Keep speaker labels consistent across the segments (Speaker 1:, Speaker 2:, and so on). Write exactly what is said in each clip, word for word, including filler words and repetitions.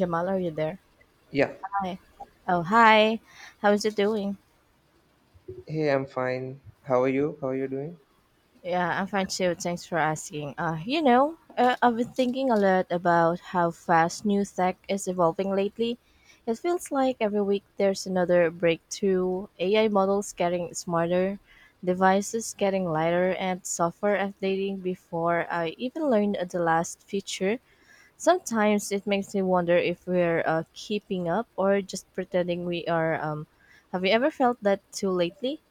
Speaker 1: Jamal, are you there?
Speaker 2: Yeah.
Speaker 1: Hi. Oh, hi. How's it doing?
Speaker 2: Hey, I'm fine. How are you? How are you doing?
Speaker 1: Yeah, I'm fine too. Thanks for asking. Uh, you know, uh, I've been thinking a lot about how fast new tech is evolving lately. It feels like every week there's another breakthrough. A I models getting smarter, devices getting lighter, and software updating before I even learned the last feature. Sometimes it makes me wonder if we're uh, keeping up or just pretending we are. Um, have you ever felt that too lately?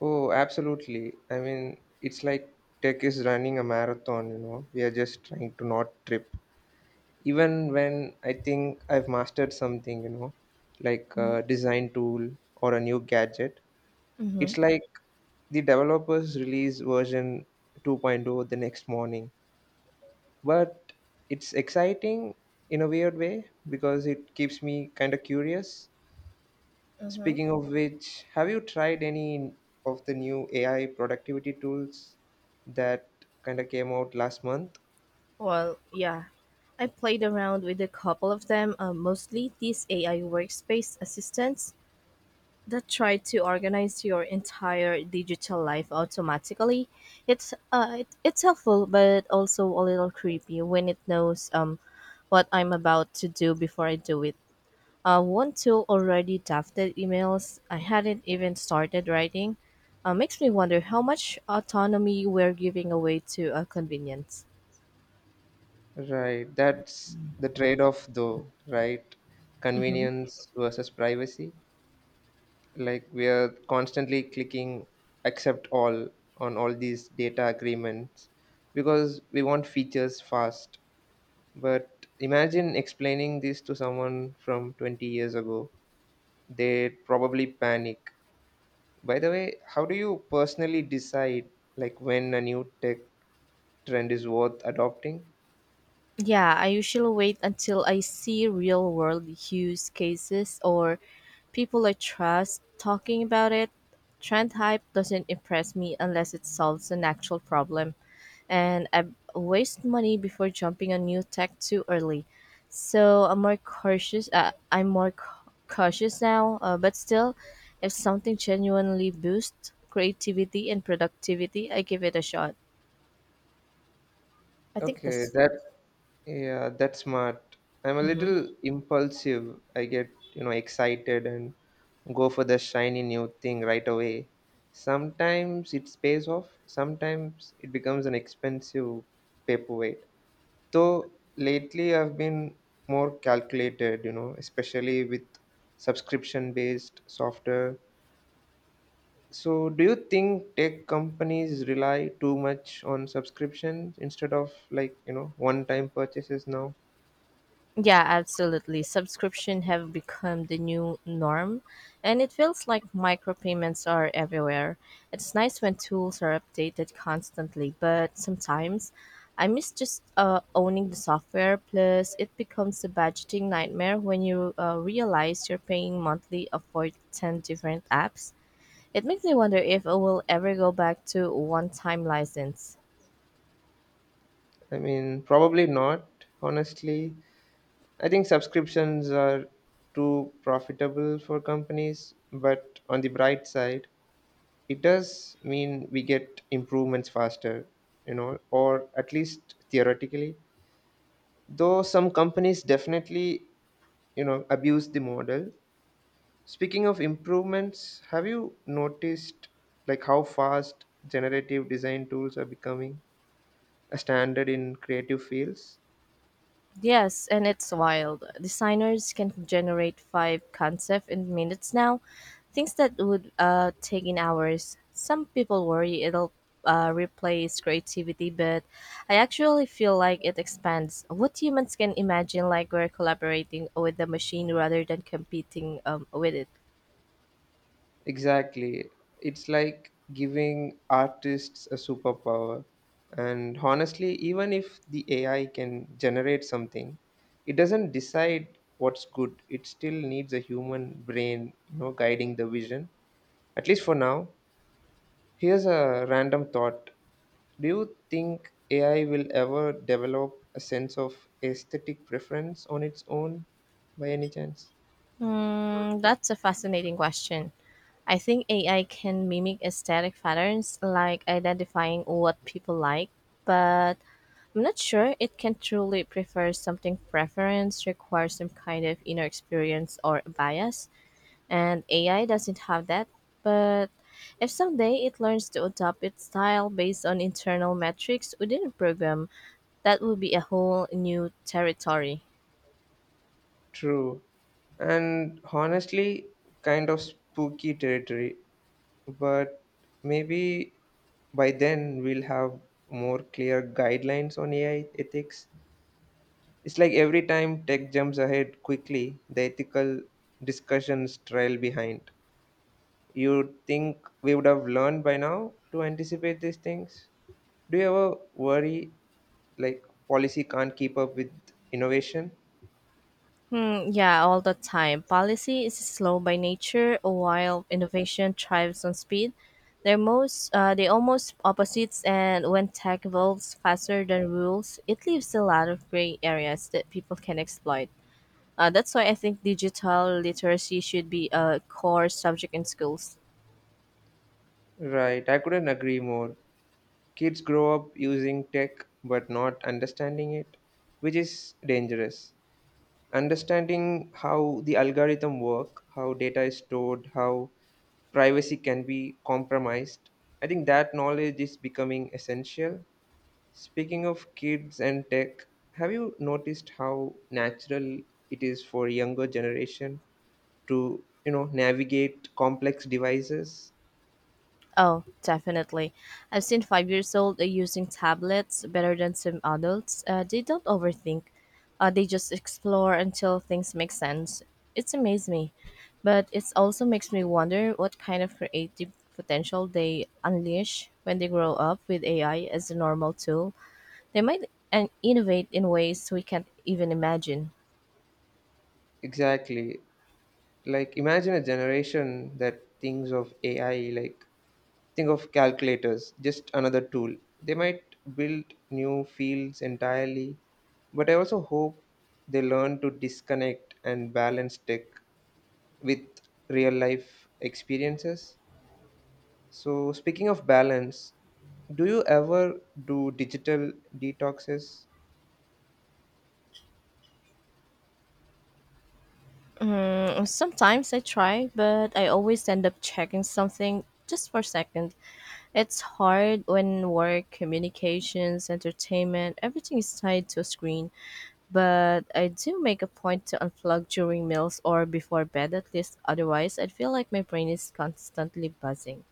Speaker 2: Oh, absolutely. I mean, it's like tech is running a marathon, you know. We are just trying to not trip. Even when I think I've mastered something, you know, like a design tool or a new gadget,
Speaker 1: Mm-hmm.
Speaker 2: it's like the developers release version 2.0 the next morning. But it's exciting in a weird way because it keeps me kind of curious.
Speaker 1: Mm-hmm.
Speaker 2: Speaking of which, have you tried any of the new A I productivity tools that kind of came out last month?
Speaker 1: Well, yeah. I played around with a couple of them, uh, mostly these A I workspace assistants that try to organize your entire digital life automatically. It's uh, it, it's helpful, but also a little creepy when it knows um, what I'm about to do before I do it. Uh, one tool already drafted emails I hadn't even started writing. Uh, makes me wonder how much autonomy we're giving away to uh, convenience.
Speaker 2: Right, that's the trade off though, right?
Speaker 1: Mhm.
Speaker 2: Convenience versus privacy. Like we are constantly clicking accept all on all these data agreements because we want features fast. But imagine explaining this to someone from twenty years ago. They'd probably panic. By the way, how do you personally decide like when a new tech trend is worth adopting?
Speaker 1: Yeah, I usually wait until I see real world use cases or people I trust talking about it. Trend hype doesn't impress me unless it solves an actual problem, and I waste money before jumping on new tech too early. So I'm more cautious. Uh, I'm more c- cautious now, uh, but still, if something genuinely boosts creativity and productivity, I give it a shot. I think
Speaker 2: Okay,
Speaker 1: this.
Speaker 2: that yeah, that's smart. I'm a little impulsive. I get, you know, excited and go for the shiny new thing right away. Sometimes it pays off, sometimes it becomes an expensive paperweight. Though lately I've been more calculated, you know, especially with subscription based software. So, do you think tech companies rely too much on subscriptions instead of like, you know, one-time purchases now?
Speaker 1: Yeah, absolutely. Subscription have become the new norm, and it feels like micropayments are everywhere. It's nice when tools are updated constantly, but sometimes I miss just uh, owning the software. Plus, it becomes a budgeting nightmare when you uh, realize you're paying monthly uh, for ten different apps. It makes me wonder if I will ever go back to one time license.
Speaker 2: I mean, probably not, honestly. I think subscriptions are too profitable for companies, but on the bright side, it does mean we get improvements faster, you know, or at least theoretically. Though some companies definitely, you know, abuse the model. Speaking of improvements, have you noticed like how fast generative design tools are becoming a standard in creative fields?
Speaker 1: Yes, and it's wild. Designers can generate five concepts in minutes now, things that would uh, take in hours. Some people worry it'll uh, replace creativity, but I actually feel like it expands what humans can imagine. Like we're collaborating with the machine rather than competing um, with it.
Speaker 2: Exactly. It's like giving artists a superpower. And honestly, even if the A I can generate something, it doesn't decide what's good. It still needs a human brain, you know, guiding the vision. At least for now. Here's a random thought. Do you think A I will ever develop a sense of aesthetic preference on its own by any chance?
Speaker 1: Hmm, that's a fascinating question. I think A I can mimic aesthetic patterns, like identifying what people like, but I'm not sure it can truly prefer something preference requires some kind of inner experience or bias, and A I doesn't have that. But if someday it learns to adopt its style based on internal metrics within a program, that will be a whole new territory.
Speaker 2: True. And honestly, kind of spooky territory. But maybe by then we'll have more clear guidelines on A I ethics. It's like every time tech jumps ahead quickly, the ethical discussions trail behind. You think we would have learned by now to anticipate these things? Do you ever worry like policy can't keep up with innovation?
Speaker 1: Hmm, yeah, all the time. Policy is slow by nature, while innovation thrives on speed. They're most, uh, they almost opposites, and when tech evolves faster than rules, it leaves a lot of gray areas that people can exploit. Uh, that's why I think digital literacy should be a core subject in schools.
Speaker 2: Right, I couldn't agree more. Kids grow up using tech but not understanding it, which is dangerous. Understanding how the algorithm work, how data is stored, how privacy can be compromised. I think that knowledge is becoming essential. Speaking of kids and tech, have you noticed how natural it is for younger generation to you know navigate complex devices?
Speaker 1: Oh, definitely. I've seen five years old uh, using tablets better than some adults. Uh, they don't overthink. Uh, they just explore until things make sense. It's amazed me, but it also makes me wonder what kind of creative potential they unleash when they grow up with A I as a normal tool. They might and innovate in ways we can't even imagine.
Speaker 2: Exactly, like imagine a generation that thinks of AI like think of calculators, just another tool. They might build new fields entirely. But I also hope they learn to disconnect and balance tech with real life experiences. So, speaking of balance, do you ever do digital detoxes?
Speaker 1: Mm, sometimes I try, but I always end up checking something just for a second. It's hard when work, communications, entertainment, everything is tied to a screen, but I do make a point to unplug during meals or before bed at least. Otherwise, I feel like my brain is constantly buzzing.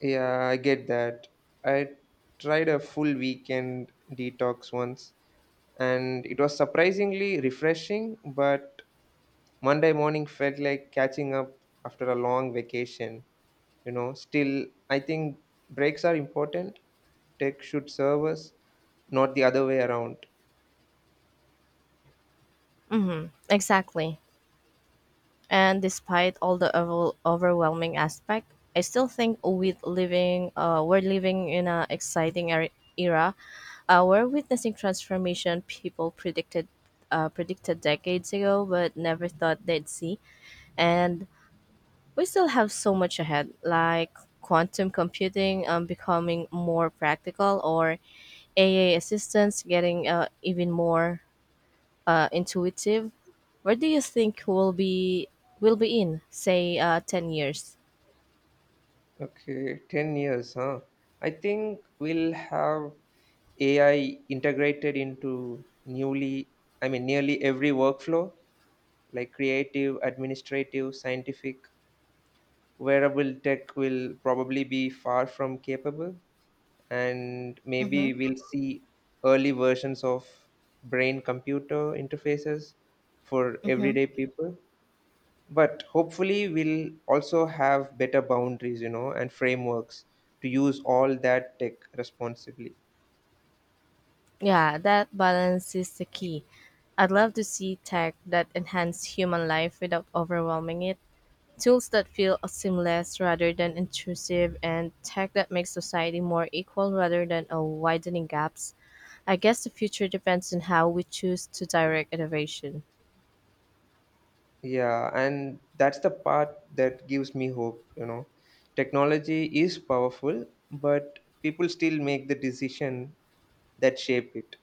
Speaker 2: Yeah, I get that. I tried a full weekend detox once and it was surprisingly refreshing, but Monday morning felt like catching up after a long vacation. You know, still, I think breaks are important. Tech should serve us, not the other way around.
Speaker 1: Mm-hmm. Exactly. And despite all the over- overwhelming aspect, I still think we living, uh, we're living in an exciting er- era. Uh, we're witnessing transformation people predicted, uh, predicted decades ago, but never thought they'd see. And we still have so much ahead, like quantum computing um, becoming more practical or A I assistance getting uh, even more uh, intuitive. Where do you think we'll be will be in say uh, ten years?
Speaker 2: Okay, ten years, huh? I think we'll have A I integrated into newly, I mean, nearly every workflow. Like creative, administrative, scientific, wearable tech will probably be far from capable. And
Speaker 1: Mm-hmm.
Speaker 2: maybe we'll see early versions of brain computer interfaces for
Speaker 1: Mm-hmm.
Speaker 2: everyday people. But hopefully, we'll also have better boundaries, you know, and frameworks to use all that tech responsibly.
Speaker 1: Yeah, that balance is the key. I'd love to see tech that enhance human life without overwhelming it. Tools that feel seamless rather than intrusive, and tech that makes society more equal rather than a widening gaps. I guess the future depends on how we choose to direct innovation.
Speaker 2: Yeah, and that's the part that gives me hope, you know. Technology is powerful, but people still make the decision that shape it.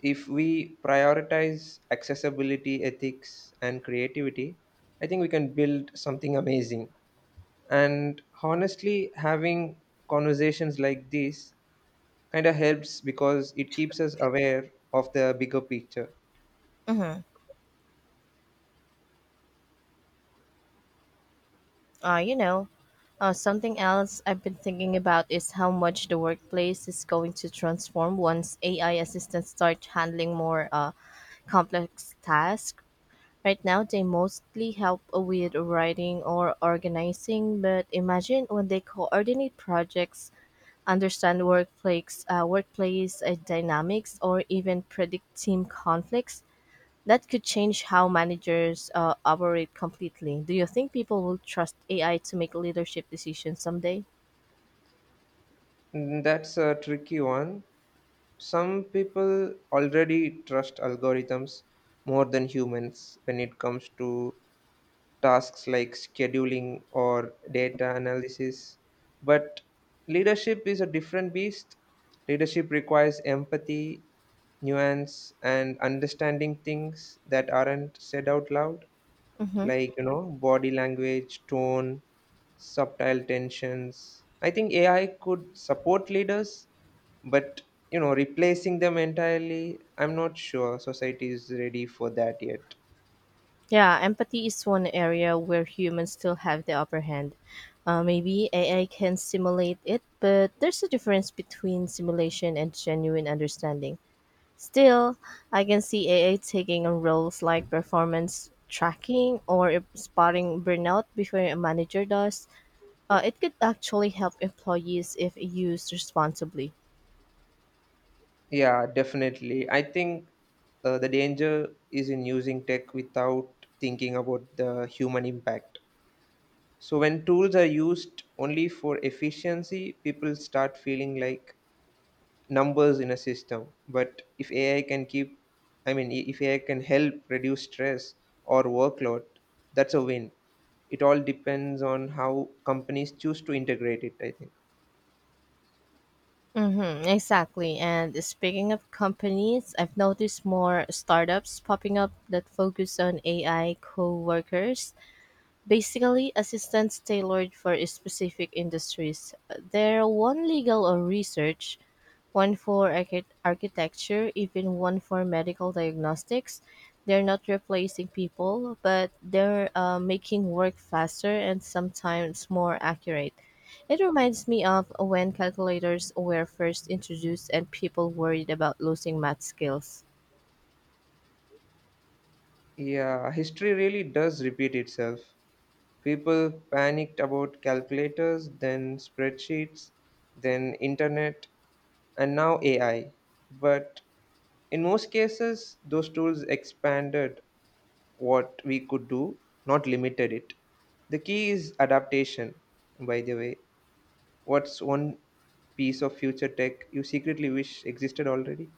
Speaker 2: If we prioritize accessibility, ethics, and creativity, I think we can build something amazing. And honestly, having conversations like this kind of helps because it keeps us aware of the bigger picture.
Speaker 1: Uh, you know, uh, Something else I've been thinking about is how much the workplace is going to transform once A I assistants start handling more uh, complex tasks. Right now, they mostly help with writing or organizing, but imagine when they coordinate projects understand workplace uh, workplace uh, dynamics or even predict team conflicts that could change how managers uh, operate completely. Do you think people will trust AI to make leadership decisions someday?
Speaker 2: Mm, that's a tricky one. Some people already trust algorithms more than humans when it comes to tasks like scheduling or data analysis. But leadership is a different beast. Leadership requires empathy, nuance, and understanding things that aren't said out loud,
Speaker 1: Mm-hmm.
Speaker 2: like you know body language, tone, subtle tensions. I think AI could support leaders, but you know replacing them entirely, I'm not sure society is ready for that yet.
Speaker 1: Yeah, empathy is one area where humans still have the upper hand. Uh, maybe AI can simulate it, but there's a difference between simulation and genuine understanding. Still, I can see A A taking on roles like performance tracking or spotting burnout before a manager does. Uh, it could actually help employees if used responsibly.
Speaker 2: Yeah, definitely. I think uh, the danger is in using tech without thinking about the human impact. So when tools are used only for efficiency, people start feeling like numbers in a system. But if AI can keep, I mean, i- if AI can help reduce stress or workload, that's a win. It all depends on how companies choose to integrate it, I think.
Speaker 1: Mm-hmm, exactly. And speaking of companies, I've noticed more startups popping up that focus on A I co workers, basically assistants tailored for specific industries. They're one legal or research, one for archi- architecture, even one for medical diagnostics. They're not replacing people, but they're uh, making work faster and sometimes more accurate. It reminds me of when calculators were first introduced and people worried about losing math skills.
Speaker 2: Yeah, history really does repeat itself. People panicked about calculators, then spreadsheets, then internet, and now AI. But in most cases, those tools expanded what we could do, not limited it. The key is adaptation. By the way, what's one piece of future tech you secretly wish existed already?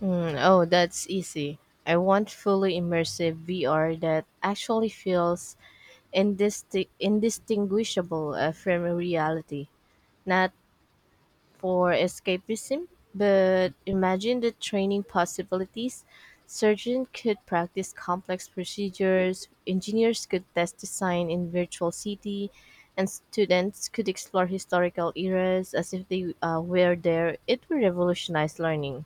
Speaker 1: Mm, oh, that's easy. I want fully immersive V R that actually feels indisti- indistinguishable uh, from reality, not for escapism, but imagine the training possibilities. Surgeons could practice complex procedures, engineers could test design in virtual city, and students could explore historical eras as if they uh, were there. It will revolutionize learning.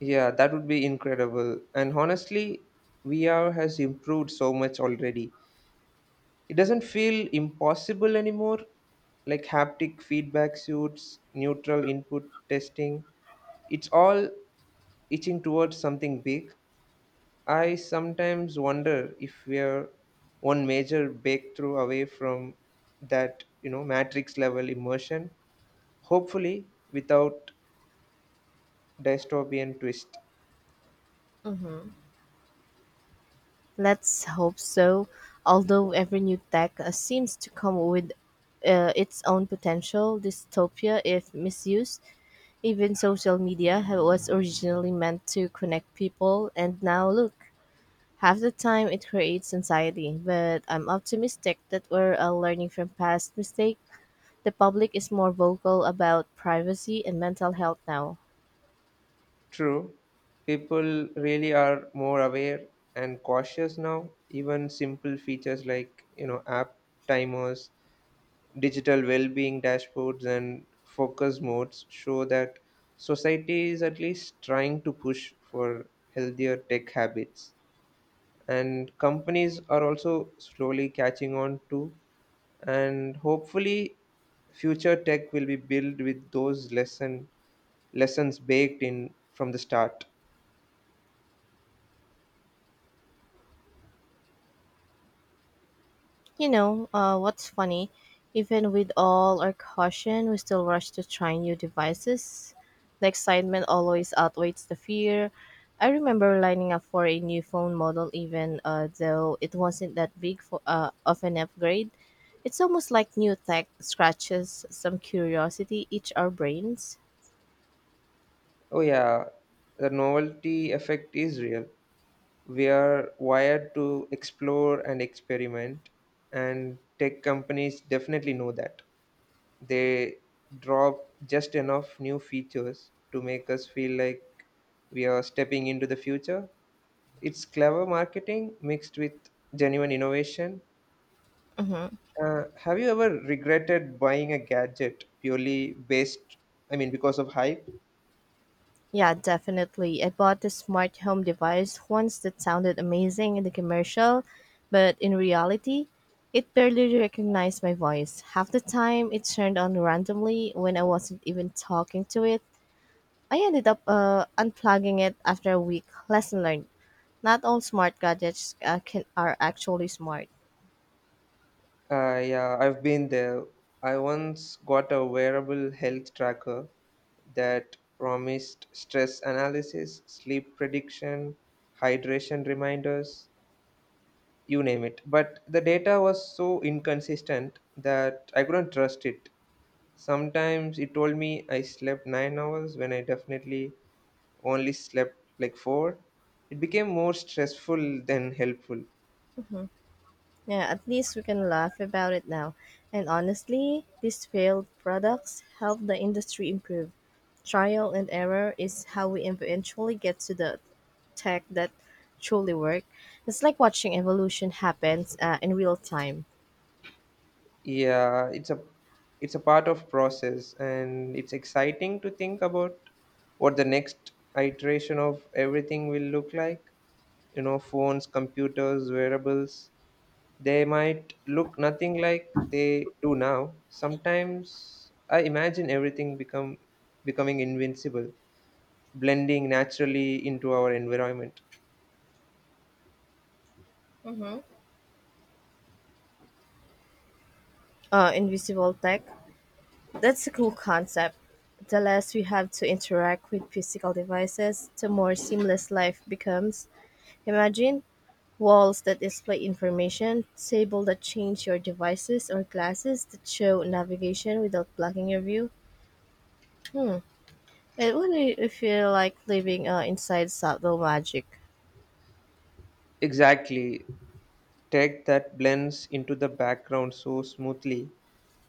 Speaker 2: Yeah, that would be incredible. And honestly, V R has improved so much already. It doesn't feel impossible anymore. Like haptic feedback suits, neutral input testing. It's all itching towards something big. I sometimes wonder if we're one major breakthrough away from that, you know, matrix level immersion, hopefully without dystopian twist.
Speaker 1: Mhm. Let's hope so. Although every new tech uh, seems to come with uh, its own potential, dystopia, if misused, even social media ha- was originally meant to connect people, and now look, half the time it creates anxiety. But I'm optimistic that we're uh, learning from past mistakes. The public is more vocal about privacy and mental health now.
Speaker 2: True, people really are more aware and cautious now. Even simple features like, you know, app timers, digital well-being dashboards and focus modes show that society is at least trying to push for healthier tech habits. And companies are also slowly catching on to, and hopefully future tech will be built with those lesson lessons baked in from the start.
Speaker 1: You know, uh, what's funny? Even with all our caution, we still rush to try new devices. The excitement always outweighs the fear. I remember lining up for a new phone model, even uh, though it wasn't that big for, uh, of an upgrade. It's almost like new tech scratches some curiosity each our brains.
Speaker 2: Oh yeah, the novelty effect is real. We are wired to explore and experiment, and tech companies definitely know that. They drop just enough new features to make us feel like we are stepping into the future. It's clever marketing mixed with genuine innovation.
Speaker 1: Hmm.
Speaker 2: Uh, have you ever regretted buying a gadget purely based, I mean, because of hype?
Speaker 1: Yeah, definitely. I bought a smart home device once that sounded amazing in the commercial, but in reality, it barely recognized my voice. Half the time, it turned on randomly when I wasn't even talking to it. I ended up uh, unplugging it after a week. Lesson learned. Not all smart gadgets uh, can, are actually smart.
Speaker 2: Uh, yeah, I've been there. I once got a wearable health tracker that promised stress analysis, sleep prediction, hydration reminders, you name it. But the data was so inconsistent that I couldn't trust it. Sometimes he told me I slept nine hours when I definitely only slept like four. It became more stressful than helpful.
Speaker 1: Yeah, at least we can laugh about it now. And honestly, these failed products help the industry improve. Trial and error is how we eventually get to the tech that truly work. It's like watching evolution happens uh, in real time.
Speaker 2: Yeah, it's a it's a part of process, and it's exciting to think about what the next iteration of everything will look like. You know, phones, computers, wearables, they might look nothing like they do now. Sometimes I imagine everything become becoming invincible, blending naturally into our environment.
Speaker 1: Uh, invisible tech. That's a cool concept. The less we have to interact with physical devices, the more seamless life becomes. Imagine walls that display information, tables that change your devices, or glasses that show navigation without blocking your view. It would really feel like living uh, inside subtle magic.
Speaker 2: Exactly. Tech that blends into the background so smoothly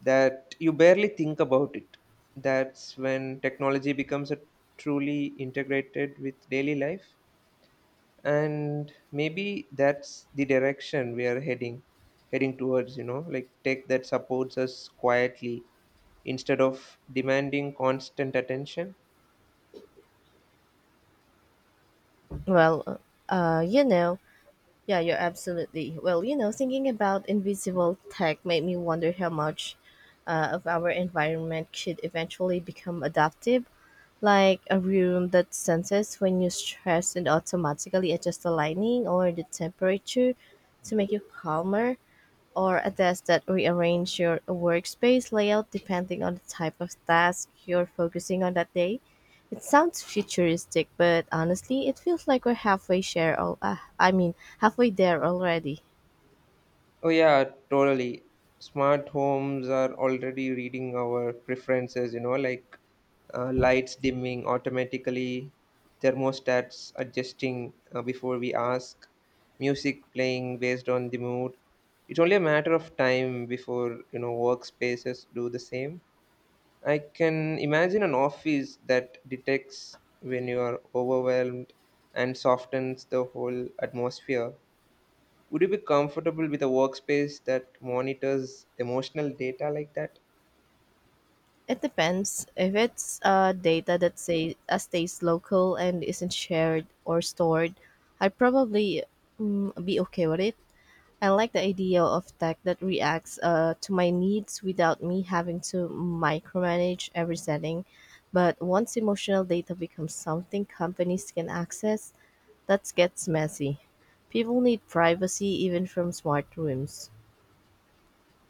Speaker 2: that you barely think about it. That's when technology becomes a truly integrated with daily life. And maybe that's the direction we are heading heading towards, you know, like tech that supports us quietly instead of demanding constant attention.
Speaker 1: Well, uh, you know, Yeah, you're absolutely. Well, you know, Thinking about invisible tech made me wonder how much uh, of our environment could eventually become adaptive, like a room that senses when you stress and automatically adjusts the lighting or the temperature to make you calmer, or a desk that rearrange your workspace layout depending on the type of task you're focusing on that day. It sounds futuristic, but honestly, it feels like we're halfway share all, uh, I mean, halfway there already.
Speaker 2: Oh, yeah, totally. Smart homes are already reading our preferences, you know, like uh, lights dimming automatically, thermostats adjusting uh, before we ask, music playing based on the mood. It's only a matter of time before, you know, workspaces do the same. I can imagine an office that detects when you are overwhelmed and softens the whole atmosphere. Would you be comfortable with a workspace that monitors emotional data like that?
Speaker 1: It depends if it's uh, data that say, uh, stays local and isn't shared or stored. I'd probably mm, be okay with it. I like the idea of tech that reacts uh, to my needs without me having to micromanage every setting. But once emotional data becomes something companies can access, that gets messy. People need privacy even from smart rooms.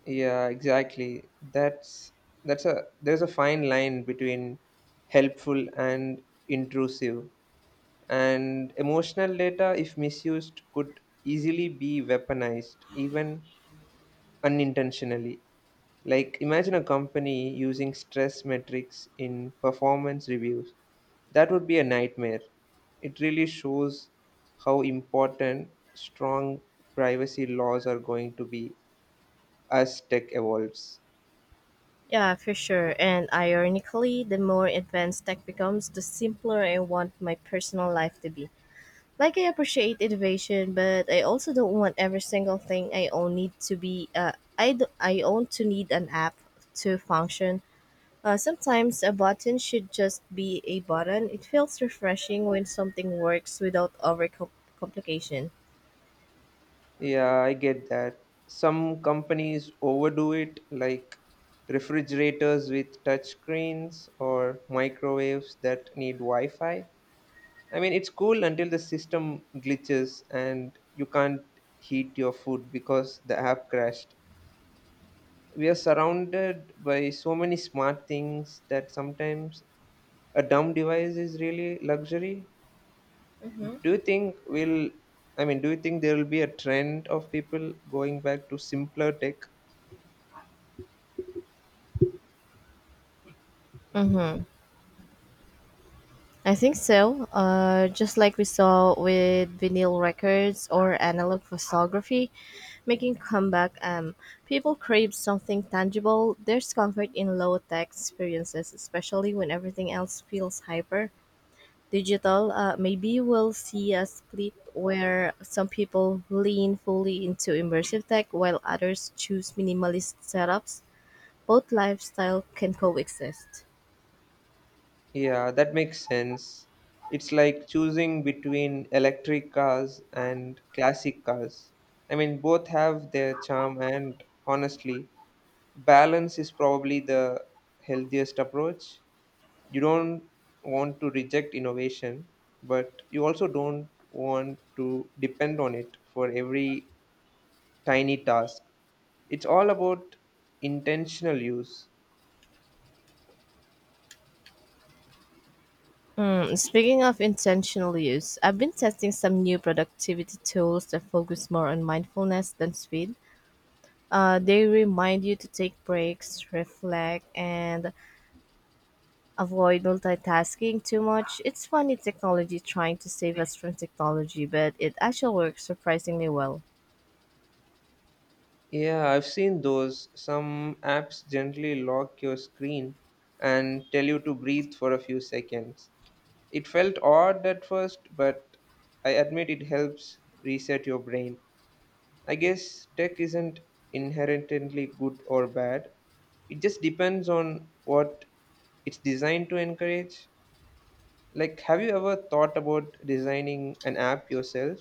Speaker 2: Yeah, exactly. That's that's a there's a fine line between helpful and intrusive. And emotional data, if misused, could easily be weaponized, even unintentionally. Like, imagine a company using stress metrics in performance reviews. That would be a nightmare. It really shows how important strong privacy laws are going to be as tech evolves.
Speaker 1: Yeah, for sure. And ironically, the more advanced tech becomes, the simpler I want my personal life to be. Like I appreciate innovation, but I also don't want every single thing I own need to be uh, I d- I own to need an app to function. Uh, sometimes a button should just be a button. It feels refreshing when something works without over complication.
Speaker 2: Yeah, I get that. Some companies overdo it, like refrigerators with touch screens or microwaves that need Wi Fi. I mean, it's cool until the system glitches and you can't heat your food because the app crashed. We are surrounded by so many smart things that sometimes a dumb device is really luxury.
Speaker 1: Mm-hmm.
Speaker 2: Do you think we'll, I mean, do you think there will be a trend of people going back to simpler tech?
Speaker 1: Mm-hmm. I think so. Uh, just like we saw with vinyl records or analog photography, making comeback um, people crave something tangible. There's comfort in low-tech experiences, especially when everything else feels hyper digital. Uh, maybe we'll see a split where some people lean fully into immersive tech while others choose minimalist setups. Both lifestyle can coexist.
Speaker 2: Yeah, that makes sense. It's like choosing between electric cars and classic cars. I mean, both have their charm, and honestly, balance is probably the healthiest approach. You don't want to reject innovation, but you also don't want to depend on it for every tiny task. It's all about intentional use.
Speaker 1: Mm, speaking of intentional use, I've been testing some new productivity tools that focus more on mindfulness than speed. Uh, they remind you to take breaks, reflect, and avoid multitasking too much. It's funny technology trying to save us from technology, but it actually works surprisingly well.
Speaker 2: Yeah, I've seen those. Some apps gently lock your screen and tell you to breathe for a few seconds. It felt odd at first, but I admit it helps reset your brain. I guess tech isn't inherently good or bad. It just depends on what it's designed to encourage. Like, have you ever thought about designing an app yourself?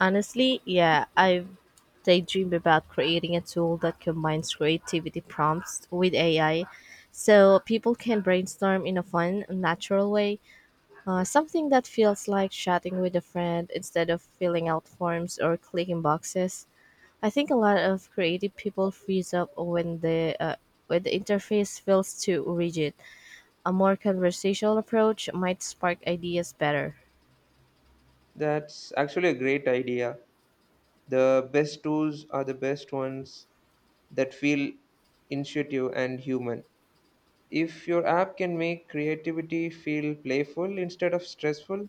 Speaker 1: Honestly, yeah, I've daydreamed about creating a tool that combines creativity prompts with A I so people can brainstorm in a fun, natural way. Uh, something that feels like chatting with a friend instead of filling out forms or clicking boxes. I think a lot of creative people freeze up when the uh, when the interface feels too rigid. A more conversational approach might spark ideas better.
Speaker 2: That's actually a great idea. The best tools are the best ones that feel intuitive and human. If your app can make creativity feel playful instead of stressful,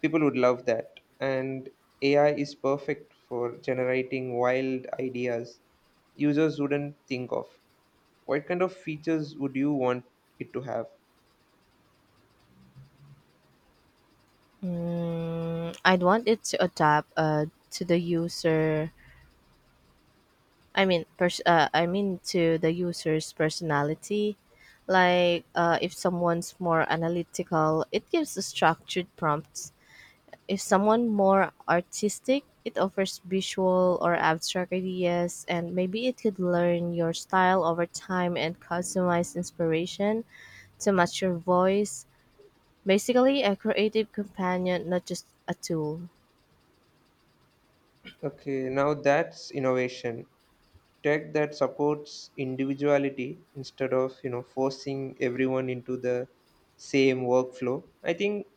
Speaker 2: people would love that. And A I is perfect for generating wild ideas users wouldn't think of. What kind of features would you want it to have?
Speaker 1: Mm, I'd want it to adapt uh, to the user. I mean, pers- uh, I mean to the user's personality. Like, uh, if someone's more analytical, it gives a structured prompts. If someone more artistic, it offers visual or abstract ideas, and maybe it could learn your style over time and customize inspiration to match your voice. Basically, a creative companion, not just a tool.
Speaker 2: Okay, now that's innovation. Tech that supports individuality instead of, you know, forcing everyone into the same workflow. I think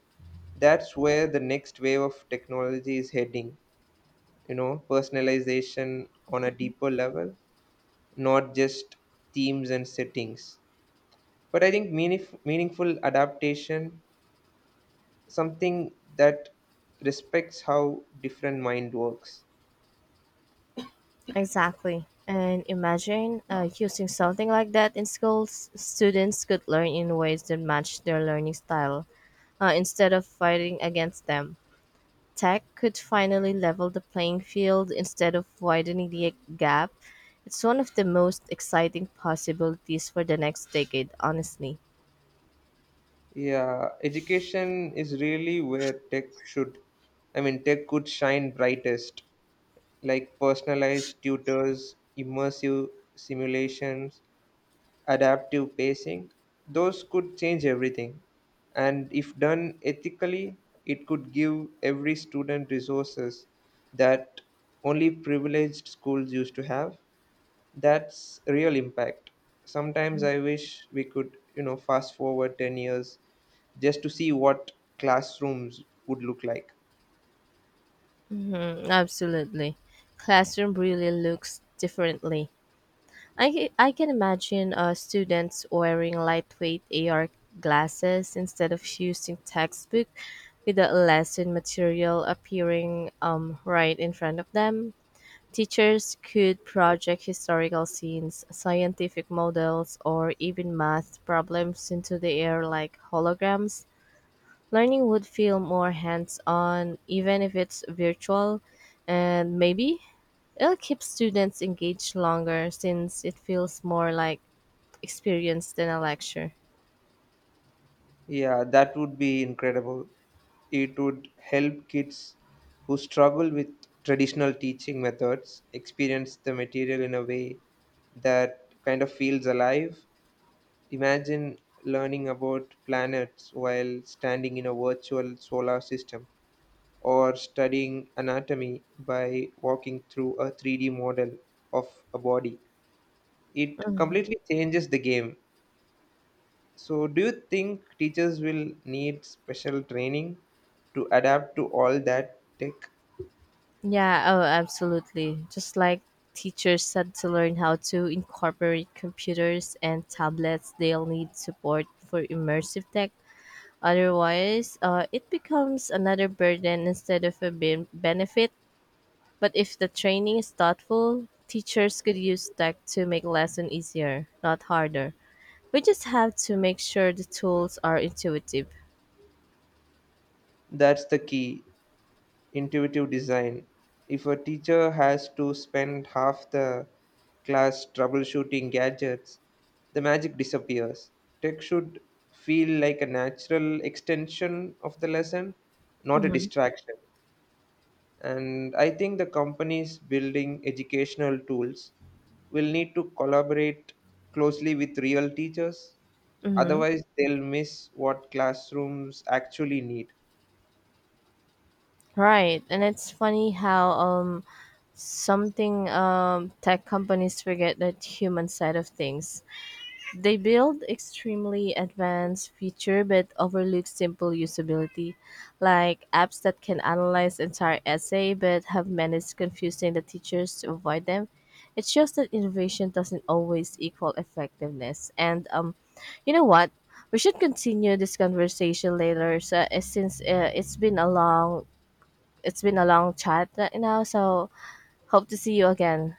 Speaker 2: that's where the next wave of technology is heading you know personalization on a deeper level, not just themes and settings, but I think meanif meaningful adaptation, something that respects how different mind works.
Speaker 1: Exactly. And imagine uh, using something like that in schools, students could learn in ways that match their learning style uh, instead of fighting against them. Tech could finally level the playing field instead of widening the gap. It's one of the most exciting possibilities for the next decade, honestly.
Speaker 2: Yeah, education is really where tech should I mean, tech could shine brightest, like personalized tutors, immersive simulations, adaptive pacing. Those could change everything. And if done ethically, it could give every student resources that only privileged schools used to have. That's real impact. Sometimes I wish we could, you know, fast forward ten years just to see what classrooms would look like.
Speaker 1: Mhm, absolutely. Classroom really looks differently. I, I can imagine uh, students wearing lightweight A R glasses instead of using textbook, with the lesson material appearing um, right in front of them. Teachers could project historical scenes, scientific models, or even math problems into the air like holograms. Learning would feel more hands on, even if it's virtual, and maybe it'll keep students engaged longer since it feels more like experience than a lecture.
Speaker 2: Yeah, that would be incredible. It would help kids who struggle with traditional teaching methods experience the material in a way that kind of feels alive. Imagine learning about planets while standing in a virtual solar system or studying anatomy by walking through a three D model of a body. It
Speaker 1: Mm.
Speaker 2: completely changes the game. So, do you think teachers will need special training to adapt to all that tech?
Speaker 1: Yeah, oh, absolutely. Just like teachers had to learn how to incorporate computers and tablets, they'll need support for immersive tech. Otherwise, uh, it becomes another burden instead of a ben- benefit. But if the training is thoughtful, teachers could use tech to make lesson easier, not harder. We just have to make sure the tools are intuitive.
Speaker 2: That's the key, intuitive design. If a teacher has to spend half the class troubleshooting gadgets, the magic disappears. Tech should feel like a natural extension of the lesson, not a
Speaker 1: Mm-hmm.
Speaker 2: distraction. And I think the companies building educational tools will need to collaborate closely with real teachers.
Speaker 1: Mm-hmm.
Speaker 2: Otherwise, they'll miss what classrooms actually need.
Speaker 1: Right, and it's funny how um something um tech companies forget that human side of things. They build extremely advanced features but overlook simple usability, like apps that can analyze entire essay but have managed confusing the teachers to avoid them. It shows that innovation doesn't always equal effectiveness. And um, You know what? We should continue this conversation later, so, uh, since uh, it's been a long it's been a long chat right now. So hope to see you again.